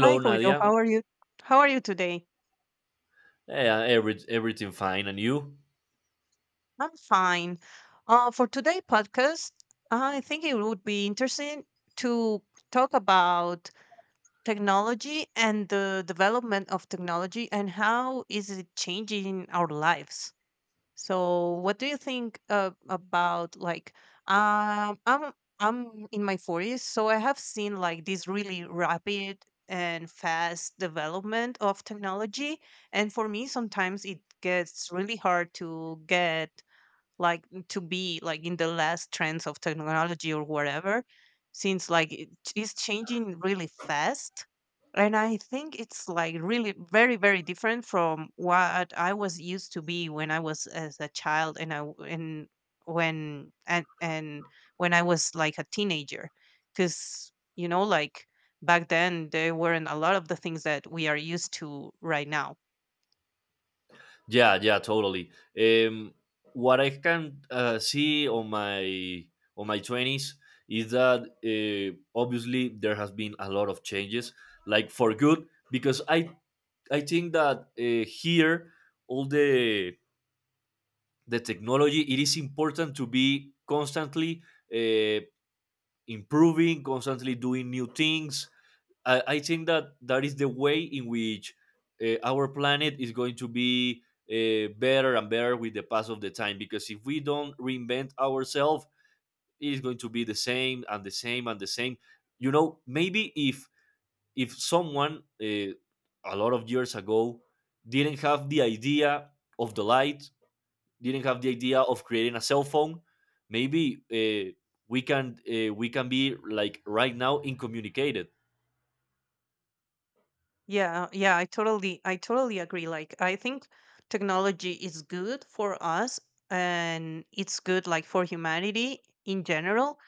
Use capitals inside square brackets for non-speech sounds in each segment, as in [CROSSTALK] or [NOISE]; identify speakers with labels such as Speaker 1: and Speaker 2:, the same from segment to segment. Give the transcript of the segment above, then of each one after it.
Speaker 1: Hi, Julio.
Speaker 2: Nadia.
Speaker 1: How are you? How are you today?
Speaker 2: Yeah, everything fine, and you?
Speaker 1: I'm fine. For today' podcast, I think it would be interesting to talk about technology and the development of technology and how is it changing our lives. So, what do you think about like um, I'm I'm in my 40s, so I have seen like this really rapid and fast development of technology, and for me sometimes it gets really hard to get like to be like in the last trends of technology or whatever since like it is changing really fast. And I think it's like really very very different from what I was used to be when I was as a child and when I was like a teenager, because you know like back then there weren't a lot of the things that we are used to right now.
Speaker 2: Yeah, yeah, totally. Um, what I can see on my twenties is that obviously there has been a lot of changes, like for good, because I think that here all the technology it is important to be constantly uh, improving, constantly doing new things. I think that that is the way in which our planet is going to be better and better with the pass of the time. Because if we don't reinvent ourselves, it is going to be the same and the same and the same. You know, maybe if someone, a lot of years ago, didn't have the idea of the light, didn't have the idea of creating a cell phone, maybe we can be like right now in communicated.
Speaker 1: Yeah, yeah, I totally agree. Like I think technology is good for us and it's good like for humanity in general,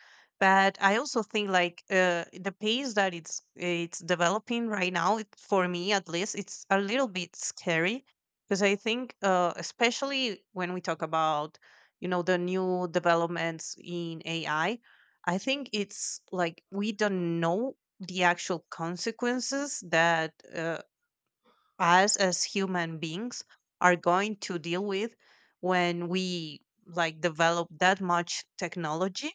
Speaker 1: but I also think like the pace that it's developing right now it, for me at least it's a little bit scary, because I think especially when we talk about you know the new developments in AI. I think it's like we don't know the actual consequences that us as human beings are going to deal with when we like develop that much technology,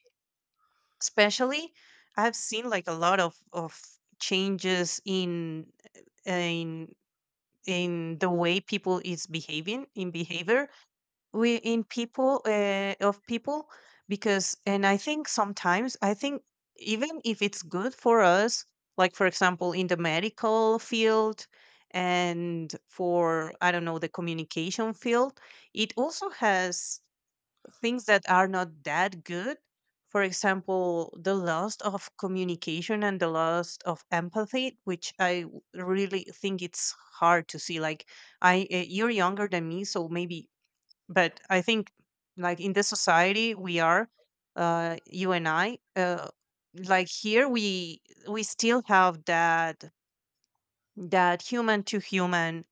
Speaker 1: especially I've seen like a lot of changes in in in the way people is behaving in behavior we in people of people. Because and I think sometimes I think, even if it's good for us, like for example in the medical field and for I don't know the communication field, it also has things that are not that good. For example, the loss of communication and the loss of empathy, which really think it's hard to see. Like I you're younger than me so maybe, but I think like in the society we are, you and i, like here we still have that that human to human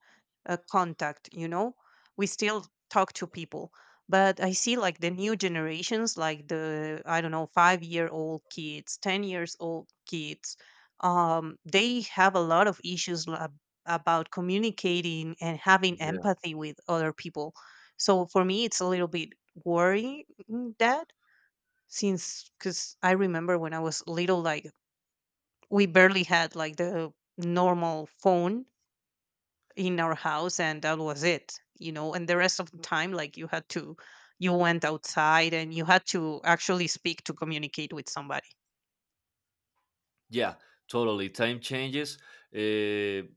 Speaker 1: contact, you know, we still talk to people. But I see like the new generations, like the I don't know 5-year-old kids, 10 years old kids. They have a lot of about communicating and having
Speaker 2: Yes.
Speaker 1: empathy with other people. So for me it's a little bit worrying that, since cuz I remember when I was little, like we barely had like the normal phone in our house and that was it, you know. And the rest of the time like you had to, you went outside and you had to actually speak to communicate with somebody.
Speaker 2: Yeah, totally. Time changes. Uh,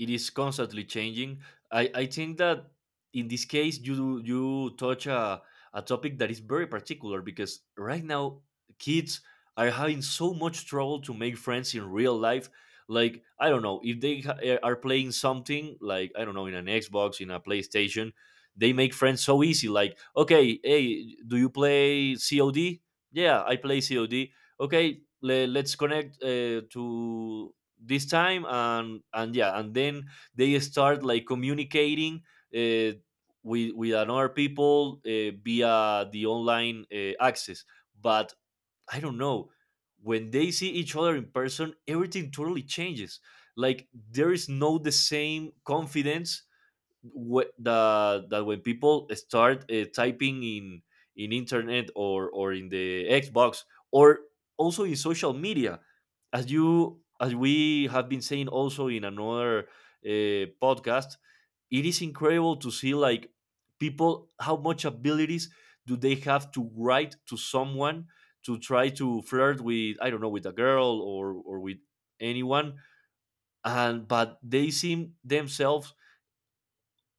Speaker 2: it is constantly changing. I think that in this case you touch a topic that is very particular because right now kids are having so much trouble to make friends in real life. Like I don't know if they are playing something, like I don't know, in an Xbox, in a PlayStation, they make friends so easy. Like, okay, hey, do you play COD? Yeah, I play COD. Okay, let's connect to this time. And yeah, and then they start like communicating uh, with another people, via the online access. But I don't know, when they see each other in person, everything totally changes. Like there is no the same confidence wh- the that, when people start typing in internet, or in the Xbox, or also in social media, as we have been saying also in another podcast, it is incredible to see like people how much abilities do they have to write to someone, to try to flirt with, I don't know, with a girl, or with anyone, and but they seem themselves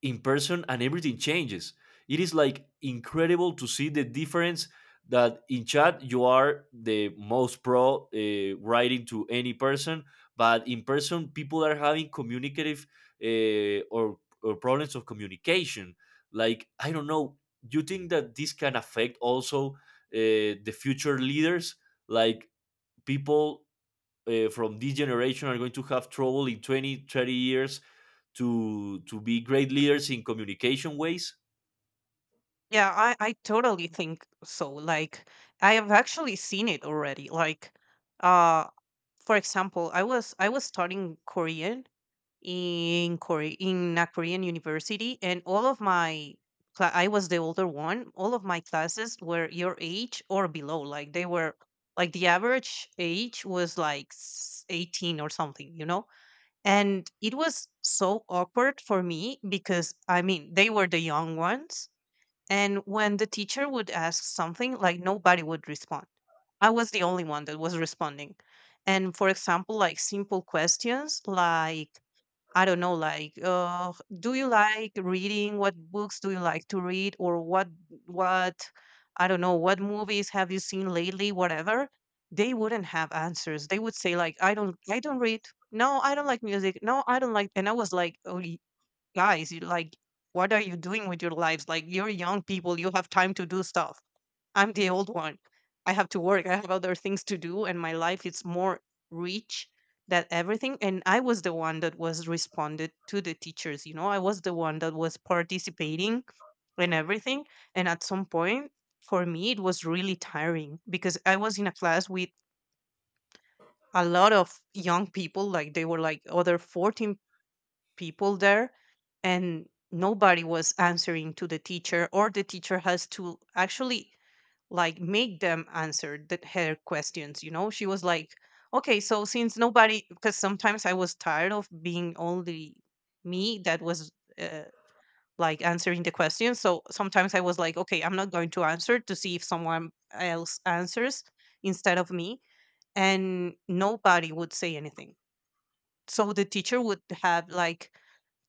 Speaker 2: in person and everything changes. It is like incredible to see the difference, that in chat you are the most pro writing to any person, but in person people are having communicative or problems of communication. Like, I don't know, you think that this can affect also the future leaders? Like, people from this generation are going to have trouble in 20, 30 years to be great leaders in communication ways.
Speaker 1: Yeah, I totally think so. Like I have actually seen it already. Like uh for example, I was studying Korean in Korea in a Korean university, and all of my I was the older one. All of my classes were your age or below. Like they were like the average age was like 18 or something, you know? And it was so awkward for me because I mean, they were the young ones, and when the teacher would ask something, like nobody would respond. I was the only one that was responding. And for example, like simple questions like, I don't know, like, do you like reading? What books do you like to read? What, I don't know, what movies have you seen lately? Whatever. They wouldn't have answers. They would say like, I don't read. No, I don't like music. No, I don't like. And I was like, oh guys, what are you doing with your lives? Like, you're young people, you have time to do stuff. I'm the old one. I have to work, I have other things to do, and my life is more rich than everything. And I was the one that was responded to the teachers, you know, I was the one that was participating and everything. And at some point, for me, it was really tiring because I was in a class with a lot of young people, like they were like other 14 people there, and nobody was answering to the teacher, or the teacher has to actually like make them answer her questions. You know, she was like, okay, so since nobody, because sometimes I was tired of being only me that was, uh, like answering the questions. So sometimes I was like, okay, I'm not going to answer to see if someone else answers instead of me, and nobody would say anything. So the teacher would have like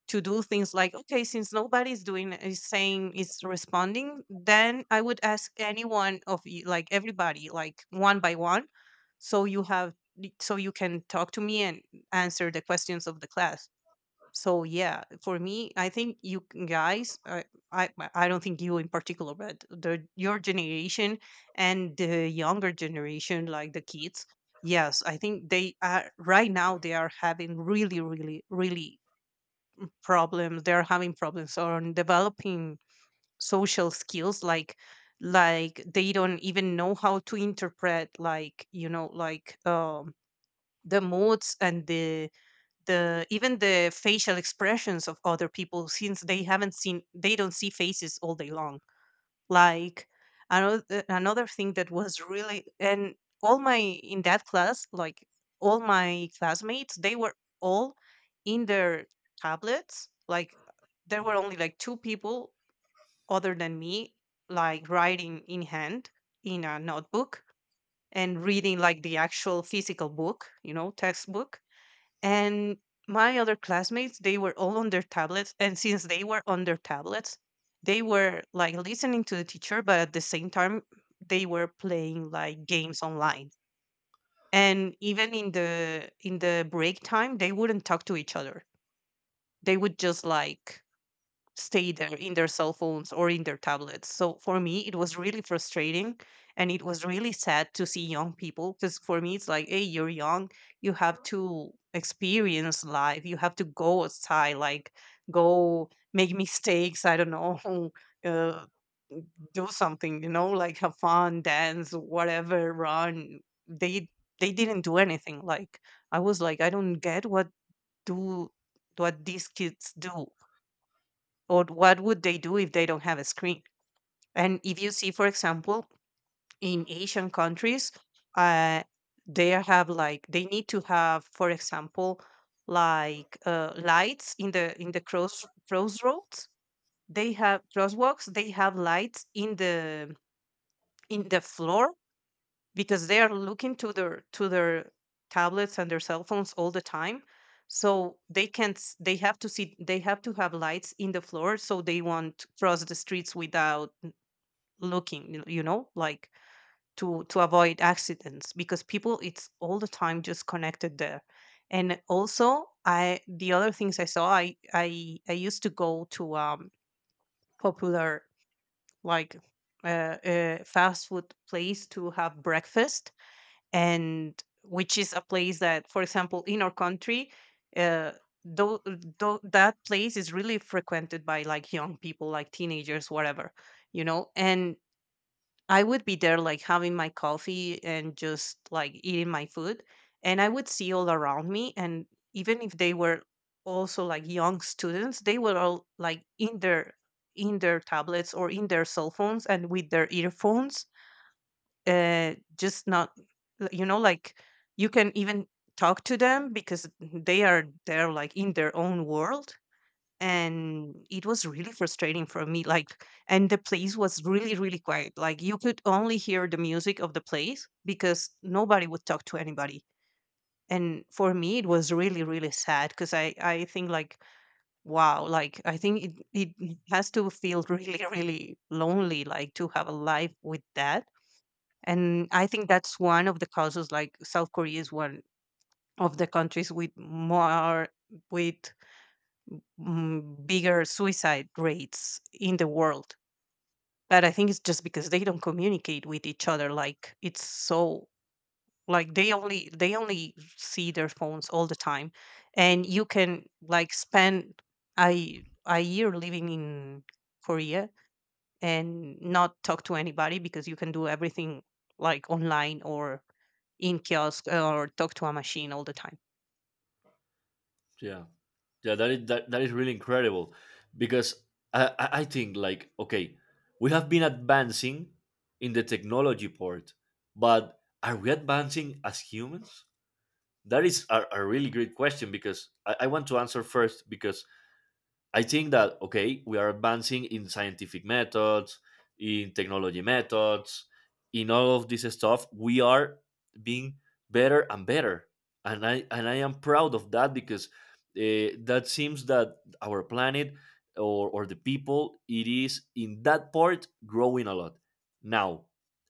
Speaker 1: to do things like, okay, since nobody's doing is saying is responding, then I would ask anyone of you, like everybody, like one by one, so you have so you can talk to me and answer the questions of the class. So yeah, for me I think you I don't think you in particular but the your generation and the younger generation like the kids. Yes, I think they are right now, they are having really really really problems. They're having problems on developing social skills, like they don't even know how to interpret, like, you know, like the moods and the even the facial expressions of other people, since they don't see faces all day long. Like another thing that was really, and all my in that class, like all my classmates, they were all in their tablets. Like there were only like two people other than me, like writing in hand in a notebook and reading like the actual physical book, you know, textbook. And my other classmates, they were all on their tablets. And since they were on their tablets, they were like listening to the teacher, but at the same time, they were playing like games online. And even in the break time, they wouldn't talk to each other. They would just like stay there in their cell phones or in their tablets. So for me, it was really frustrating and it was really sad to see young people, because for me, it's like, hey, you're young, you have to experience life, you have to go outside, like go make mistakes, I don't know, [LAUGHS] uh, do something, you know, like have fun, dance, whatever, run. They they didn't do anything. Like I was like, I don't get what do what these kids do, or what would they do if they don't have a screen. And if you see for example in asian countries, uh, they have like they need to have for example like lights in the crossroads, they have crosswalks, they have lights in the floor because they are looking to their tablets and their cell phones all the time. So they can't s- they have to see, they have to have lights in the floor so they won't cross the streets without looking, you know, like to avoid accidents, because people it's all the time just connected there. And also I the other things I saw I used to go to popular like fast food place to have breakfast, and which is a place that, for example, in our country, uh, though, though that place is really frequented by like young people, like teenagers, whatever, you know. And I would be there, like having my coffee and just like eating my food, and I would see all around me, and even if they were also like young students, they were all like in their tablets or in their cell phones and with their earphones, just not, you know, like you can even talk to them, because they are there like in their own world. And it was really frustrating for me, like, and the place was really really quiet, like you could only hear the music of the place because nobody would talk to anybody. And for me it was really really sad, because I think like wow, like I think it has to feel really really lonely like to have a life with that. And I think that's one of the causes, like south korea is one of the countries with more with bigger suicide rates in the world. But I think it's just because they don't communicate with each other, like it's so like they only see their phones all the time. And you can like spend a year living in korea and not talk to anybody, because you can do everything like online or in kiosk or talk to a machine all the time.
Speaker 2: Yeah, yeah, that is that is really incredible, because I think like, okay, we have been advancing in the technology part, but are we advancing as humans? That is a really great question, because I want to answer first. Because I think that, okay, we are advancing in scientific methods, in technology methods, in all of this stuff. We are being better and better, and I am proud of that, because that seems that our planet or the people it is in that part growing a lot. Now,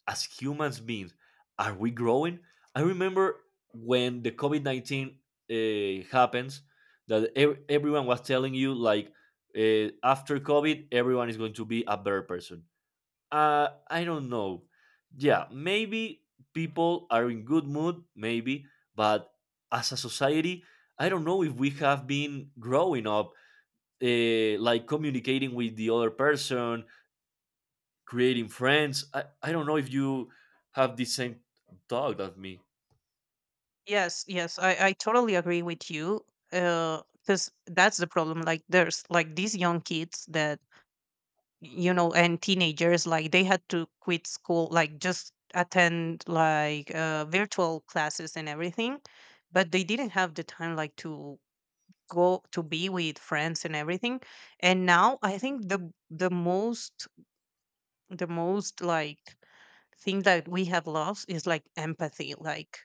Speaker 2: as humans beings, are we growing? I remember when the COVID 19 happens, that everyone was telling you like, after COVID, everyone is going to be a better person. I don't know. Yeah, maybe people are in good mood, maybe, but as a society, I don't know if we have been growing up, like communicating with the other person, creating friends. I don't know if you have the same thought of me.
Speaker 1: Yes, yes, I totally agree with you. Because that's the problem. Like, there's like these young kids that, and teenagers, like, they had to quit school, like, just attend like virtual classes and everything. But they didn't have the time, like, to go to be with friends and everything. And now I think the most thing that we have lost is like empathy, like,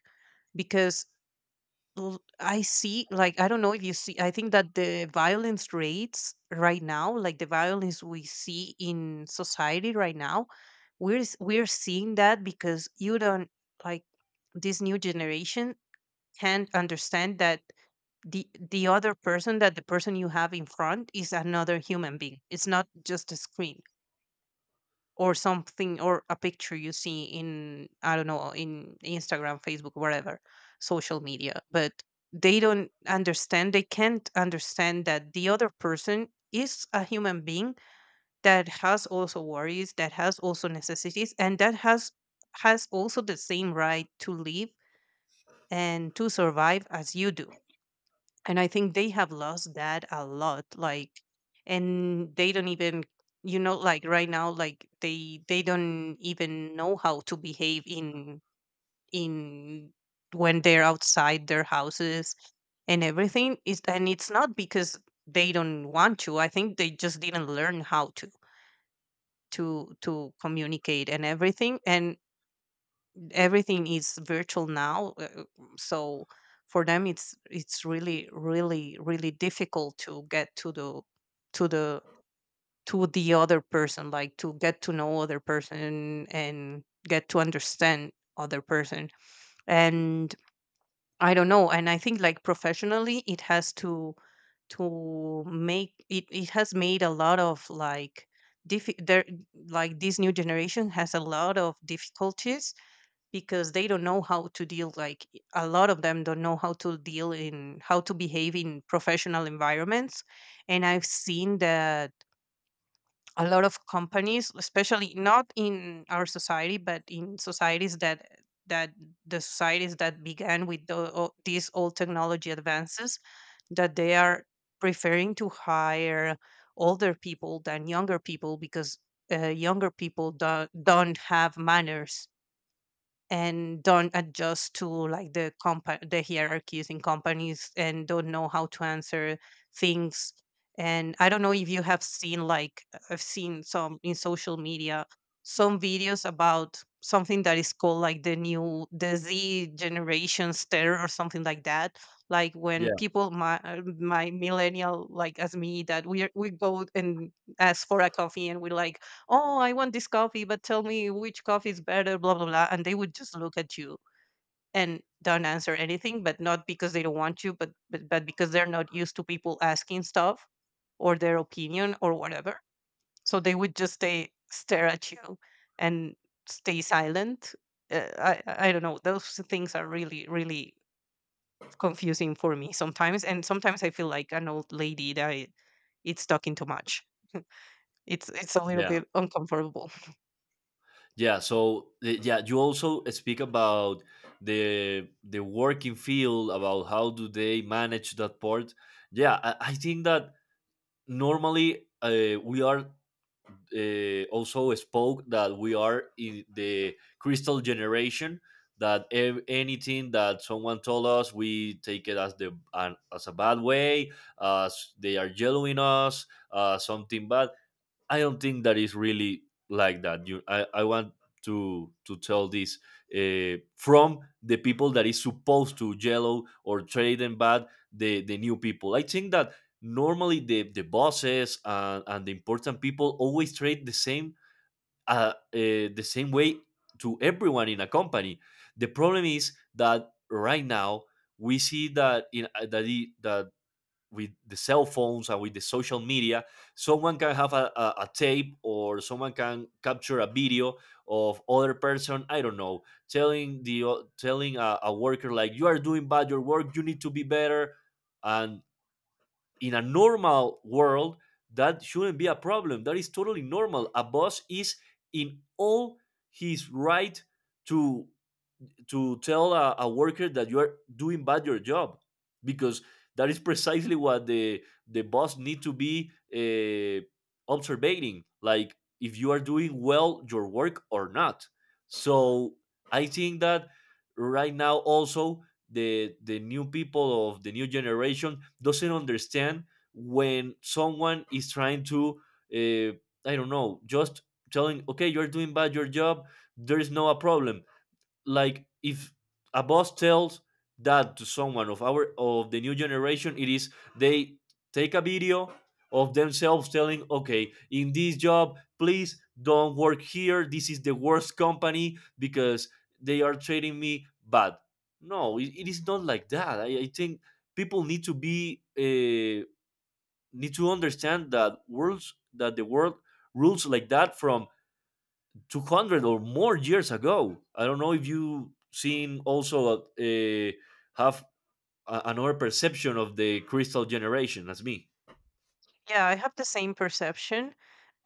Speaker 1: because I see, like, I don't know if you see. I think that the violence rates right now, like the violence we see in society right now, we're seeing that because you don't, like, this new generation can't understand that the other person, that the person you have in front is another human being. It's not just a screen or something, or a picture you see in, I don't know, in Instagram, Facebook, whatever, social media. But they don't understand, they can't understand that the other person is a human being, that has also worries, that has also necessities, and that has also the same right to live and to survive as you do. And I think they have lost that a lot, like, and they don't even, like right now, like they don't even know how to behave in, in when they're outside their houses and everything. Is, and it's not because they don't want to, I think they just didn't learn how to communicate and everything. And everything is virtual now, so for them it's really really really difficult to get to the, to the to the other person, like to get to know other person and get to understand other person. And I don't know, and I think, like, professionally it has to make it has made a lot of, like, there, like, this new generation has a lot of difficulties because they don't know how to deal like, a lot of them don't know how to deal in, how to behave in professional environments. And I've seen that a lot of companies, especially not in our society but in societies that the societies that began with these old technology advances, that they are preferring to hire older people than younger people because younger people don't have manners and don't adjust to, like, the the hierarchies in companies, and don't know how to answer things. And I don't know if you have seen, like, I've seen some in social media, some videos about something that is called, like, the Z generations terror or something like that. Like, when
Speaker 2: Yeah,
Speaker 1: people my, my millennial, like as me, that we go and ask for a coffee and we like, "Oh, I want this coffee, but tell me which coffee is better, blah blah blah," and they would just look at you and don't answer anything. But not because they don't want you, but, but because they're not used to people asking stuff, or their opinion or whatever. So they would just stay stare at you and stay silent. I don't know, those things are really really confusing for me sometimes, and sometimes I feel like an old lady that it's talking too much. [LAUGHS] It's a little
Speaker 2: yeah.
Speaker 1: bit uncomfortable.
Speaker 2: Yeah, so yeah, you also speak about the working field, about how do they manage that part. Yeah, I think that normally we are, also spoke that we are in
Speaker 1: [LAUGHS]
Speaker 2: the crystal generation, that anything that someone told us we take it as as a bad way, as they are yelling us something bad. I don't think that is really like that. I want to tell this, from the people that is supposed to yellow or trade and bad the new people. I think that normally the bosses, and the important people, always trade the same, the same way to everyone in a company. The problem is that right now we see that in that, with the cell phones and with the social media, someone can have a tape, or someone can capture a video of other person. I don't know, telling telling a worker like, you are doing bad your work, you need to be better. And in a normal world, that shouldn't be a problem. That is totally normal. A boss is in all his right to to tell a worker that you are doing bad your job, because that is precisely what the boss need to be uh, observing, like if you are doing well your work or not. So I think that right now also the new people of the new generation doesn't understand when someone is trying to, uh, I don't know, just telling, okay, you're doing bad your job, there is no a problem. Like if a boss tells that to someone of our of the new generation, it is, they take a video of themselves telling, okay, in this job please don't work here, this is the worst company because they are treating me bad. No, it is not like that. I think people need to be need to understand that worlds that the world rules like that from 200 or more years ago. I don't know if you seen also, have another perception of the crystal generation as me.
Speaker 1: Yeah, I have the same perception.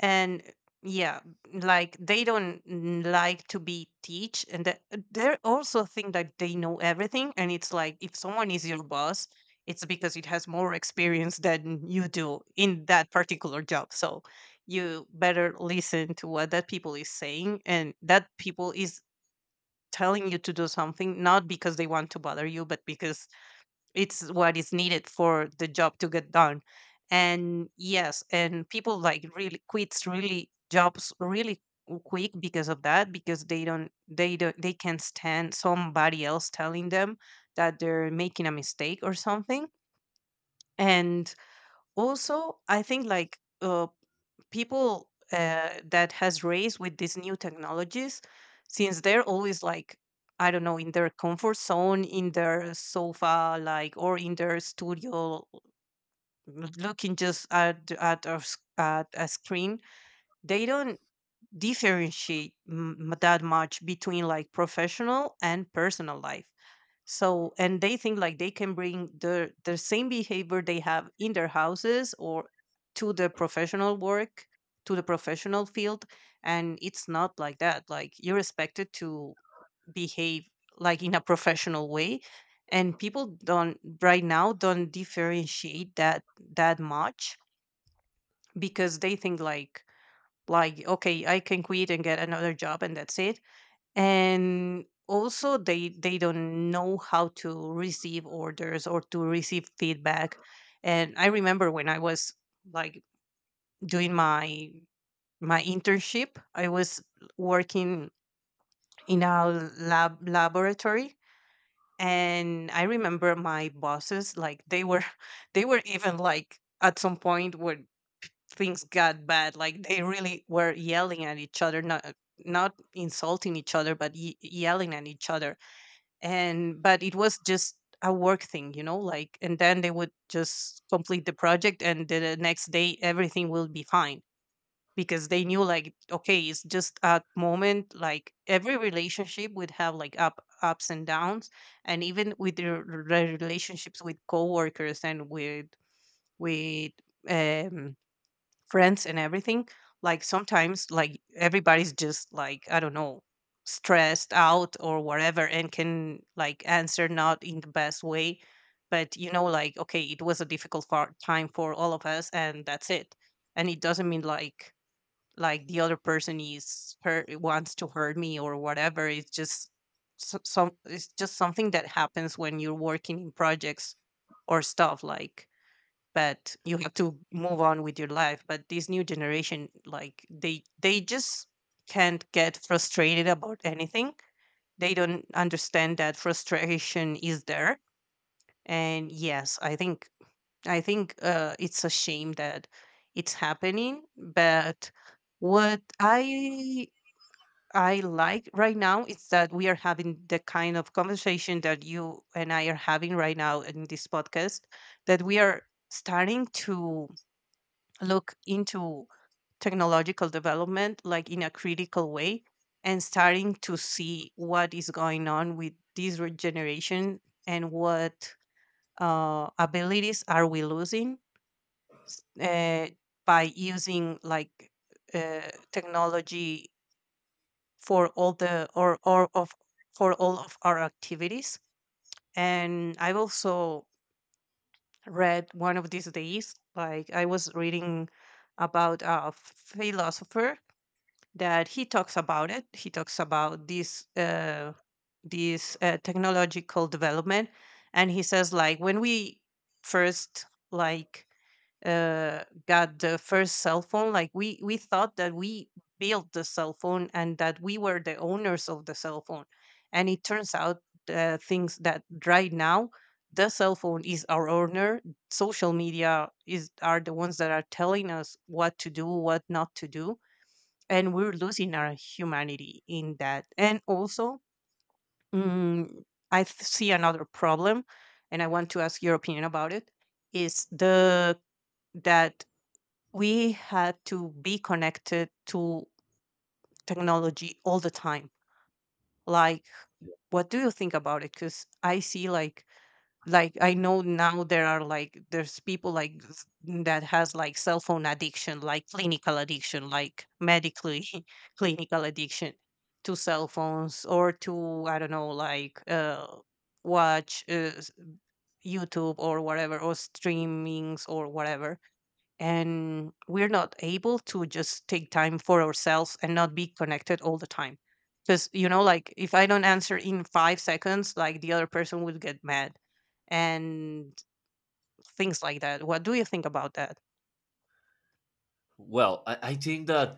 Speaker 1: And yeah, like they don't like to be teach. And that they also think that they know everything, and it's like, if someone is your boss, it's because it has more experience than you do in that particular job. So you better listen to what that people is saying, and that people is telling you to do something not because they want to bother you, but because it's what is needed for the job to get done. And yes, and people like really quits really jobs really quick because of that, because they don't, they can't stand somebody else telling them that they're making a mistake or something. And also I think, like, people, that has raised with these new technologies, since they're always like, I don't know, in their comfort zone, in their sofa, like, or in their studio, looking just at, at a screen. They don't differentiate that much between, like, professional and personal life. So, and they think like they can bring the same behavior they have in their houses or to the professional work, to the professional field. And it's not like that. Like, you're expected to behave like in a professional way, and people don't right now don't differentiate that that much, because they think like, okay, I can quit and get another job, and that's it. And also they don't know how to receive orders or to receive feedback. And I remember when I was, like, doing my, internship. I was working in a laboratory, and I remember my bosses, like, they were [LAUGHS] they were even, like, at some point when things got bad, like they really were yelling at each other. Not, insulting each other, but yelling at each other. And but it was just a work thing, like, and then they would just complete the project, and the next day everything will be fine, because they knew like, okay, it's just a moment, like every relationship would have, like, up ups and downs. And even with their relationships with coworkers and with, with um friends and everything. Like sometimes like everybody's just like, I don't know, stressed out or whatever, and can like answer not in the best way. But you know, like, okay, it was a difficult time for all of us, and that's it. And it doesn't mean like, the other person is hurt wants to hurt me or whatever. It's just, so- some it's just something that happens when you're working in projects or stuff, like. But you have to move on with your life. But this new generation, like, they just can't get frustrated about anything. They don't understand that frustration is there. And yes, I think, I think it's a shame that it's happening. But what I like right now is that we are having the kind of conversation that you and I are having right now in this podcast, that we are starting to look into technological development, like, in a critical way, and starting to see what is going on with this generation, and what abilities are we losing, s- uh, by using like, uh, technology for all the, or of for all of our activities. And I've also read one of these days, like I was reading about a philosopher that he talks about it. He talks about this, technological development, and he says like, when we first, like, got the first cell phone, like we thought that we built the cell phone and that we were the owners of the cell phone, and it turns out, things that right now the cell phone is our owner. Social media is are the ones that are telling us what to do, what not to do, and we're losing our humanity in that. And also, mm, I see another problem, and I want to ask your opinion about it. Is the that we had to be connected to technology all the time? Like, what do you think about it? Because I see, like, I know, now there are, there's people, like, that has like cell phone addiction, like clinical addiction, like medically [LAUGHS] clinical addiction to cell phones, or to, I don't know, like watch, YouTube or whatever, or streamings or whatever. And we're not able to just take time for ourselves and not be connected all the time, because like, if I don't answer in 5 seconds, like the other person would get mad, and things like that. What do you think about that?
Speaker 2: Well, I think that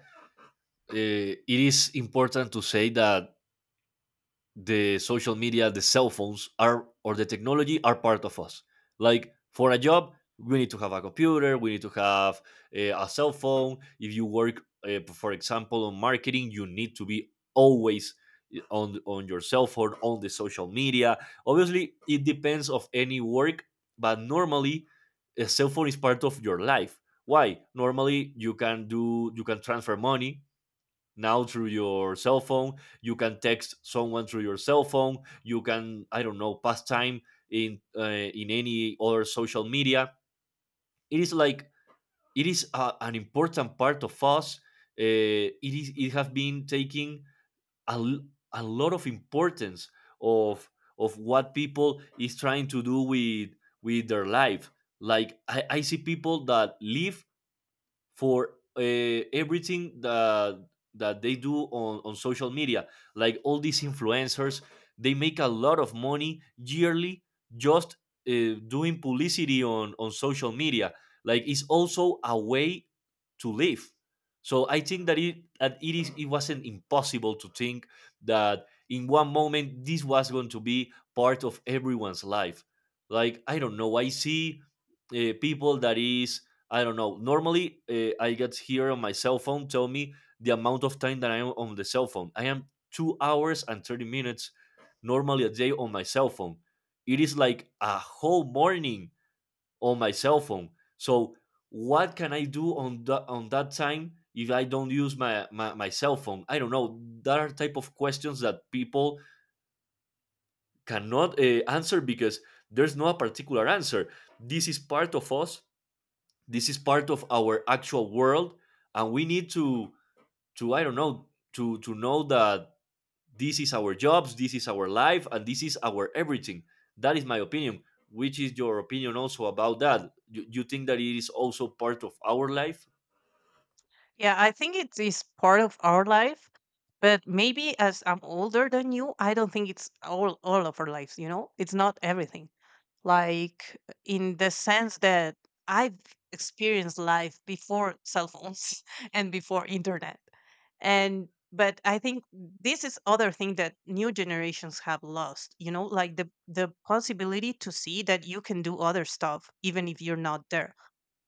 Speaker 2: it is important to say that the social media, the cell phones are or the technology are part of us. Like for a job, we need to have a computer, we need to have a cell phone. If you work, for example, on marketing, you need to be always, on your cell phone, on the social media. Obviously, it depends of any work, but normally, a cell phone is part of your life. Why? Normally, you can do you can transfer money now through your cell phone, you can text someone through your cell phone, you can, I don't know, pass time in, in any other social media. It is like, it is an important part of us. Uh, it has been taking a, l- a lot of importance of of what people is trying to do with their life. Like I see people that live for, everything that they do on social media, like all these influencers, they make a lot of money yearly, just doing publicity on social media. Like it's also a way to live. So I think that it wasn't impossible to think that in one moment this was going to be part of everyone's life. Like I don't know, I see, people that is, I don't know. Normally, I get here on my cell phone, tell me the amount of time that I am on the cell phone. I am 2 hours and 30 minutes normally a day on my cell phone. It is like a whole morning on my cell phone. So what can I do on that time if I don't use my cell phone? I don't know. There are type of questions that people cannot answer, because there's no particular answer. This is part of us, this is part of our actual world, and we need to, I don't know, to know that this is our jobs, this is our life, and this is our everything. That is my opinion. Which is your opinion also about that? You you think that it is also part of our life?
Speaker 1: Yeah, I think it is part of our life, but maybe as I'm older than you, I don't think it's all of our lives, you know, it's not everything. Like, in the sense that I've experienced life before cell phones [LAUGHS] and before internet. And but I think this is other thing that new generations have lost, you know, like the possibility to see that you can do other stuff even if you're not there.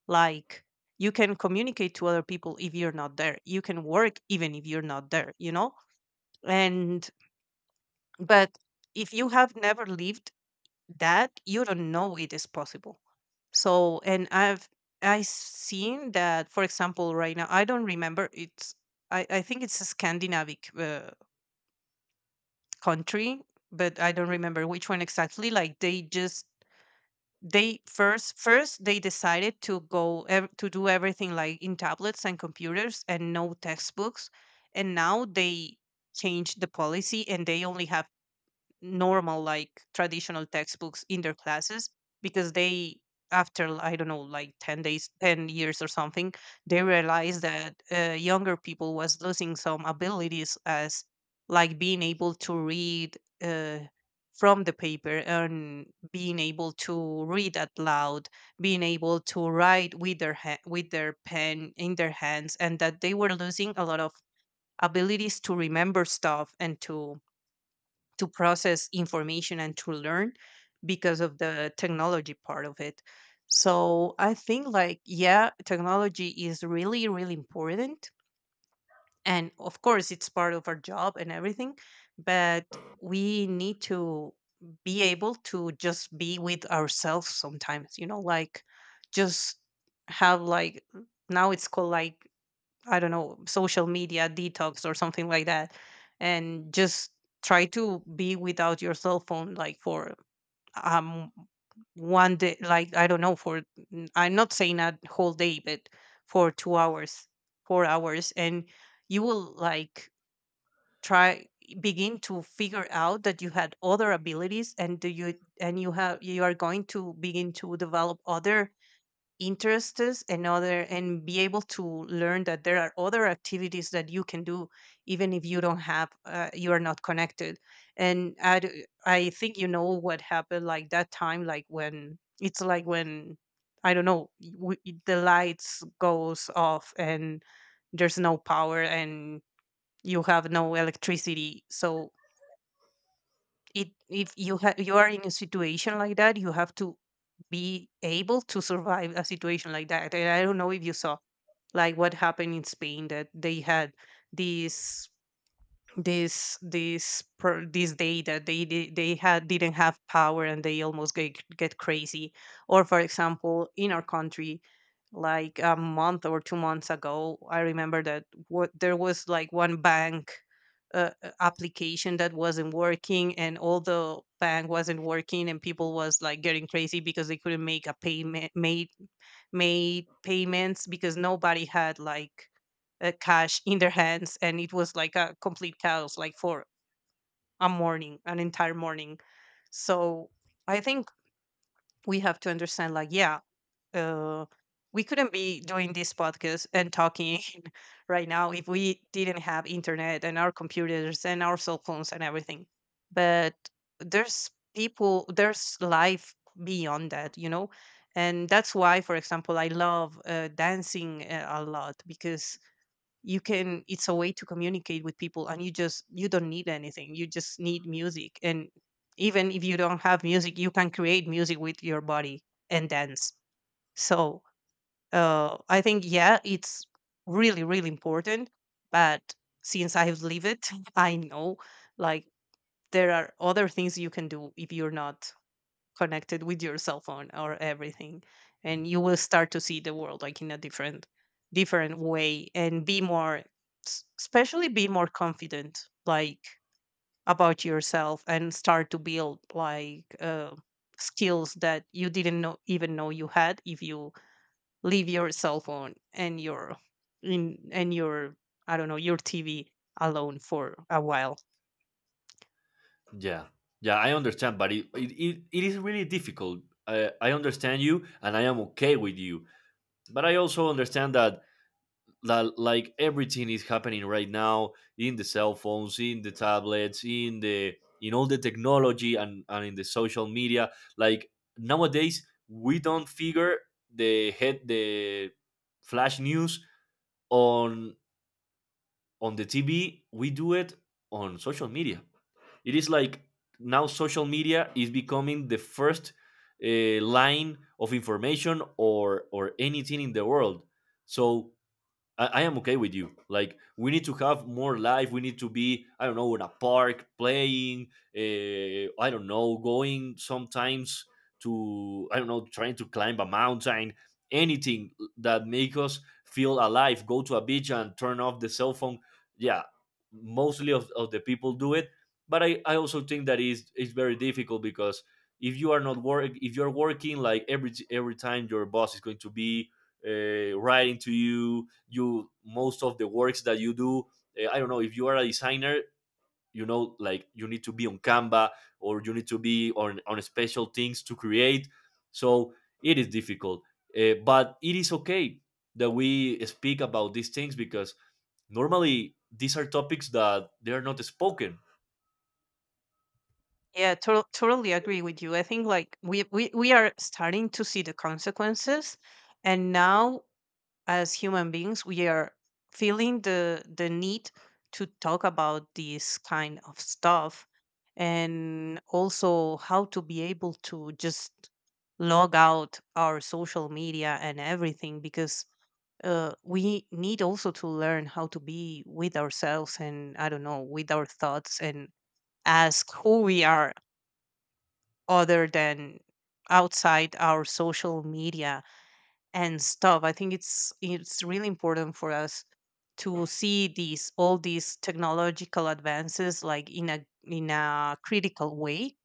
Speaker 1: Like, you can communicate to other people if you're not there. You can work even if you're not there, you know? And but if you have never lived that you don't know it is possible. So and I've I seen that, for example, right now I don't remember. I think it's a Scandinavian country, but I don't remember which one exactly. Like, they just they first, they decided to do everything like in tablets and computers and no textbooks, and now they changed the policy and they only have normal, like traditional textbooks in their classes, because they, after I don't know, like 10 days, 10 years or something, they realized that younger people was losing some abilities, as like being able to read from the paper, and being able to read out loud, being able to write with their pen in their hands, and that they were losing a lot of abilities to remember stuff and to process information and to learn because of the technology part of it. So I think like, yeah, technology is really really important, and of course it's part of our job and everything, but we need to be able to just be with ourselves sometimes, you know, like just have like, now it's called like, I don't know, social media detox or something like that, and just try to be without your cell phone like for um one day, like I don't know, I'm not saying a whole day, but for 2 hours, 4 hours, and you will like try begin to figure out that you had other abilities, and do you and you have you are going to begin to develop other interests and other and be able to learn that there are other activities that you can do even if you don't have you are not connected. And I think you know what happened like that time, like when it's like when I don't know the lights goes off and there's no power and you have no electricity, so it if you ha- you are in a situation like that, you have to be able to survive a situation like that. And I don't know if you saw like what happened in Spain, that they had this this day that they di- they had didn't have power and they almost get crazy. Or for example, in our country, like a month or 2 months ago, I remember that what there was like one bank application that wasn't working, and all the bank wasn't working, and people was like getting crazy because they couldn't make a payment made payments because nobody had like cash in their hands, and it was like a complete chaos like for a morning, an entire morning. So I think we have to understand like, yeah, uh, we couldn't be doing this podcast and talking [LAUGHS] right now if we didn't have internet and our computers and our cell phones and everything, but there's people, there's life beyond that, you know. And that's why, for example, I love dancing a lot, because you can it's a way to communicate with people, and you just you don't need anything, you just need music, and even if you don't have music, you can create music with your body and dance. So I think, yeah, it's really really important, but since I've lived it [LAUGHS] I know, like there are other things you can do if you're not connected with your cell phone or everything, and you will start to see the world like in a different way, and be more especially be more confident, like about yourself, and start to build like skills that you didn't know even know you had if you leave your cell phone and your in and your, I don't know, your TV alone for a while.
Speaker 2: Yeah, yeah, I understand, but it is really difficult. I understand you, and I am okay with you, but I also understand that like everything is happening right now, in the cell phones, in the tablets, in all the technology, and in the social media. Like nowadays we don't figure the flash news on the TV, we do it on social media. It is like, now social media is becoming the first, line of information, or anything in the world. So I am okay with you. Like we need to have more life. We need to be, I don't know, in a park playing. I don't know, going sometimes to, I don't know, trying to climb a mountain. Anything that make us feel alive. Go to a beach and turn off the cell phone. Yeah, mostly of the people do it. But I also think that is it's very difficult, because if you are not work if you're working, like every time your boss is going to be writing to you. Most of the works that you do, I don't know, if you are a designer, you know, like, you need to be on Canva, or you need to be on special things to create. So it is difficult. But it is okay that we speak about these things, because normally these are topics that they are not spoken.
Speaker 1: Yeah, totally agree with you. I think like we are starting to see the consequences, and now, as human beings, we are feeling the need to talk about this kind of stuff, and also how to be able to just log out our social media and everything, because we need also to learn how to be with ourselves and, I don't know, with our thoughts, and ask who we are other than outside our social media and stuff. I think it's really important for us to see these all these technological advances like in a critical way.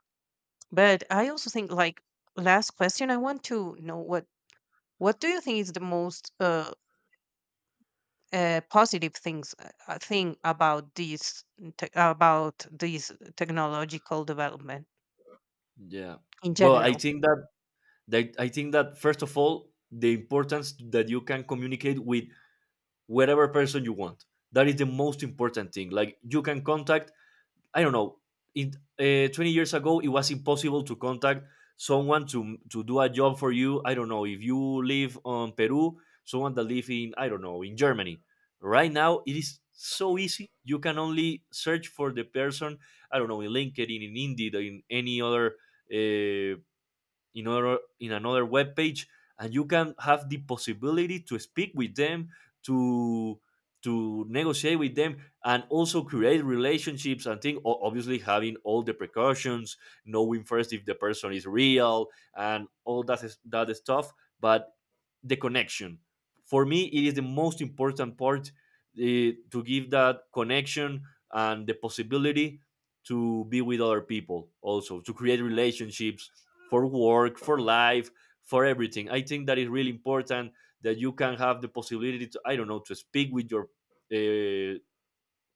Speaker 1: But I also think like, last question, I want to know what do you think is the most positive thing about these technological development
Speaker 2: Yeah.
Speaker 1: in
Speaker 2: Well, I
Speaker 1: general?
Speaker 2: think that first of all, the importance that you can communicate with whatever person you want. That is the most important thing. Like you can contact, I don't know, in 20 years ago it was impossible to contact someone to do a job for you. I don't know if you live on Peru, someone that live in, I don't know, in Germany. Right now it is so easy. You can only search for the person, I don't know, in LinkedIn, in Indeed, in any other, uh, in another web page, and you can have the possibility to speak with them, to to negotiate with them, and also create relationships, and think, obviously having all the precautions, knowing first if the person is real, and all that stuff. But the connection. For me, it is the most important part, to give that connection, and the possibility to be with other people, also to create relationships, for work, for life, for everything. I think that is really important, that you can have the possibility to, I don't know, to speak with your, uh,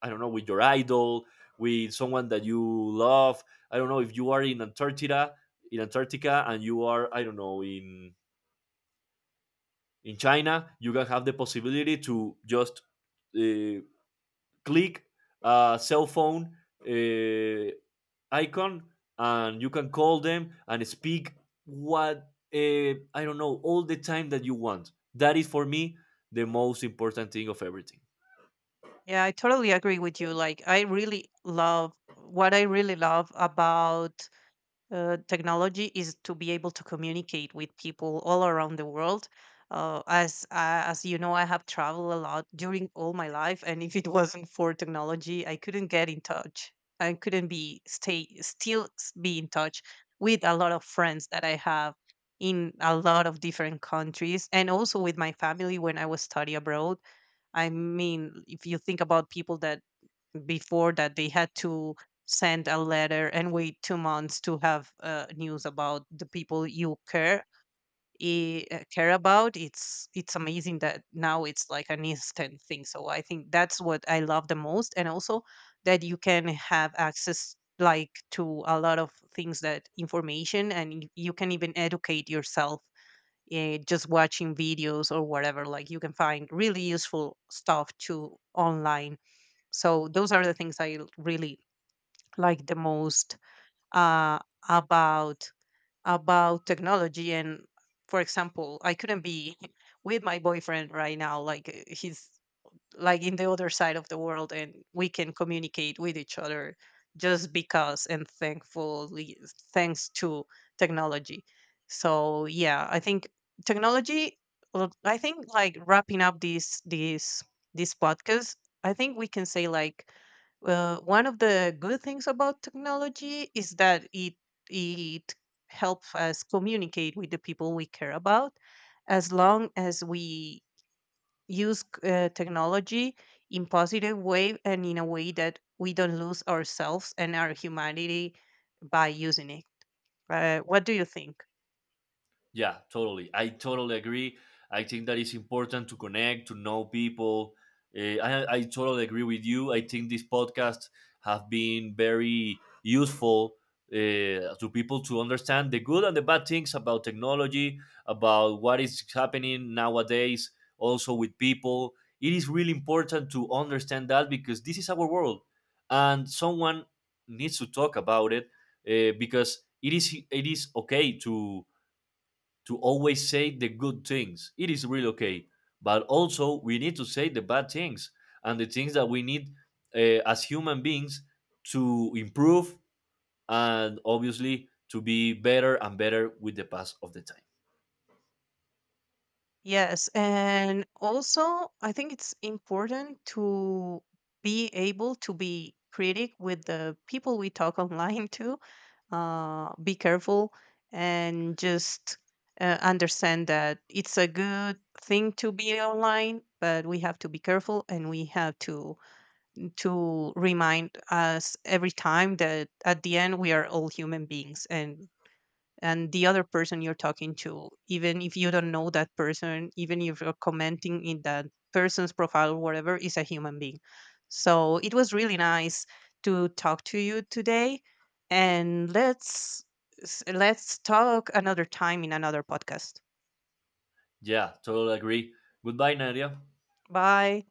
Speaker 2: I don't know, with your idol, with someone that you love. I don't know if you are in Antarctica, and you are, I don't know, in China, you can have the possibility to just uh, click a cell phone uh, icon, and you can call them and speak what, uh, I don't know, all the time that you want. That is for me the most important thing of everything.
Speaker 1: Yeah, I totally agree with you. Like, I really love about technology is to be able to communicate with people all around the world. As as you know, I have traveled a lot during all my life, and if it [LAUGHS] wasn't for technology, I couldn't get in touch. I couldn't be stay still s- be in touch with a lot of friends that I have in a lot of different countries, and also with my family when I was study abroad. I mean, if you think about people that before, that they had to send a letter and wait 2 months to have news about the people you care care about, it's amazing that now it's like an instant thing. So I think that's what I love the most, and also that you can have access like to a lot of things, that information, and you can even educate yourself, just watching videos or whatever. Like you can find really useful stuff too online. So those are the things I really like the most uh, about about technology. And for example, I couldn't be [LAUGHS] with my boyfriend right now. Like, he's like in the other side of the world, and we can communicate with each other just because, and thankfully, thanks to technology. So yeah, I think technology, well, I think like wrapping up this podcast I think we can say like, one of the good things about technology is that it helps us communicate with the people we care about, as long as we use technology in positive way, and in a way that we don't lose ourselves and our humanity by using it. What do you think?
Speaker 2: Yeah, totally. I totally agree. I think that it's important to connect, to know people. I totally agree with you. I think these podcasts have been very useful, to people to understand the good and the bad things about technology, about what is happening nowadays, also with people. It is really important to understand that, because this is our world and someone needs to talk about it, because it is okay to always say the good things. It is really okay. But also, we need to say the bad things, and the things that we need, as human beings, to improve, and obviously to be better and better with the pass of the time.
Speaker 1: Yes, and also I think it's important to be able to be critic with the people we talk [LAUGHS] online, to be careful, and just understand that it's a good thing to be online, but we have to be careful, and we have to remind us every time that at the end we are all human beings, and the other person you're talking to, even if you don't know that person, even if you're commenting in that person's profile or whatever, is a human being. So it was really nice to talk to you today, and let's let's talk another time in another podcast.
Speaker 2: Yeah, totally agree. Goodbye, Nadia.
Speaker 1: Bye.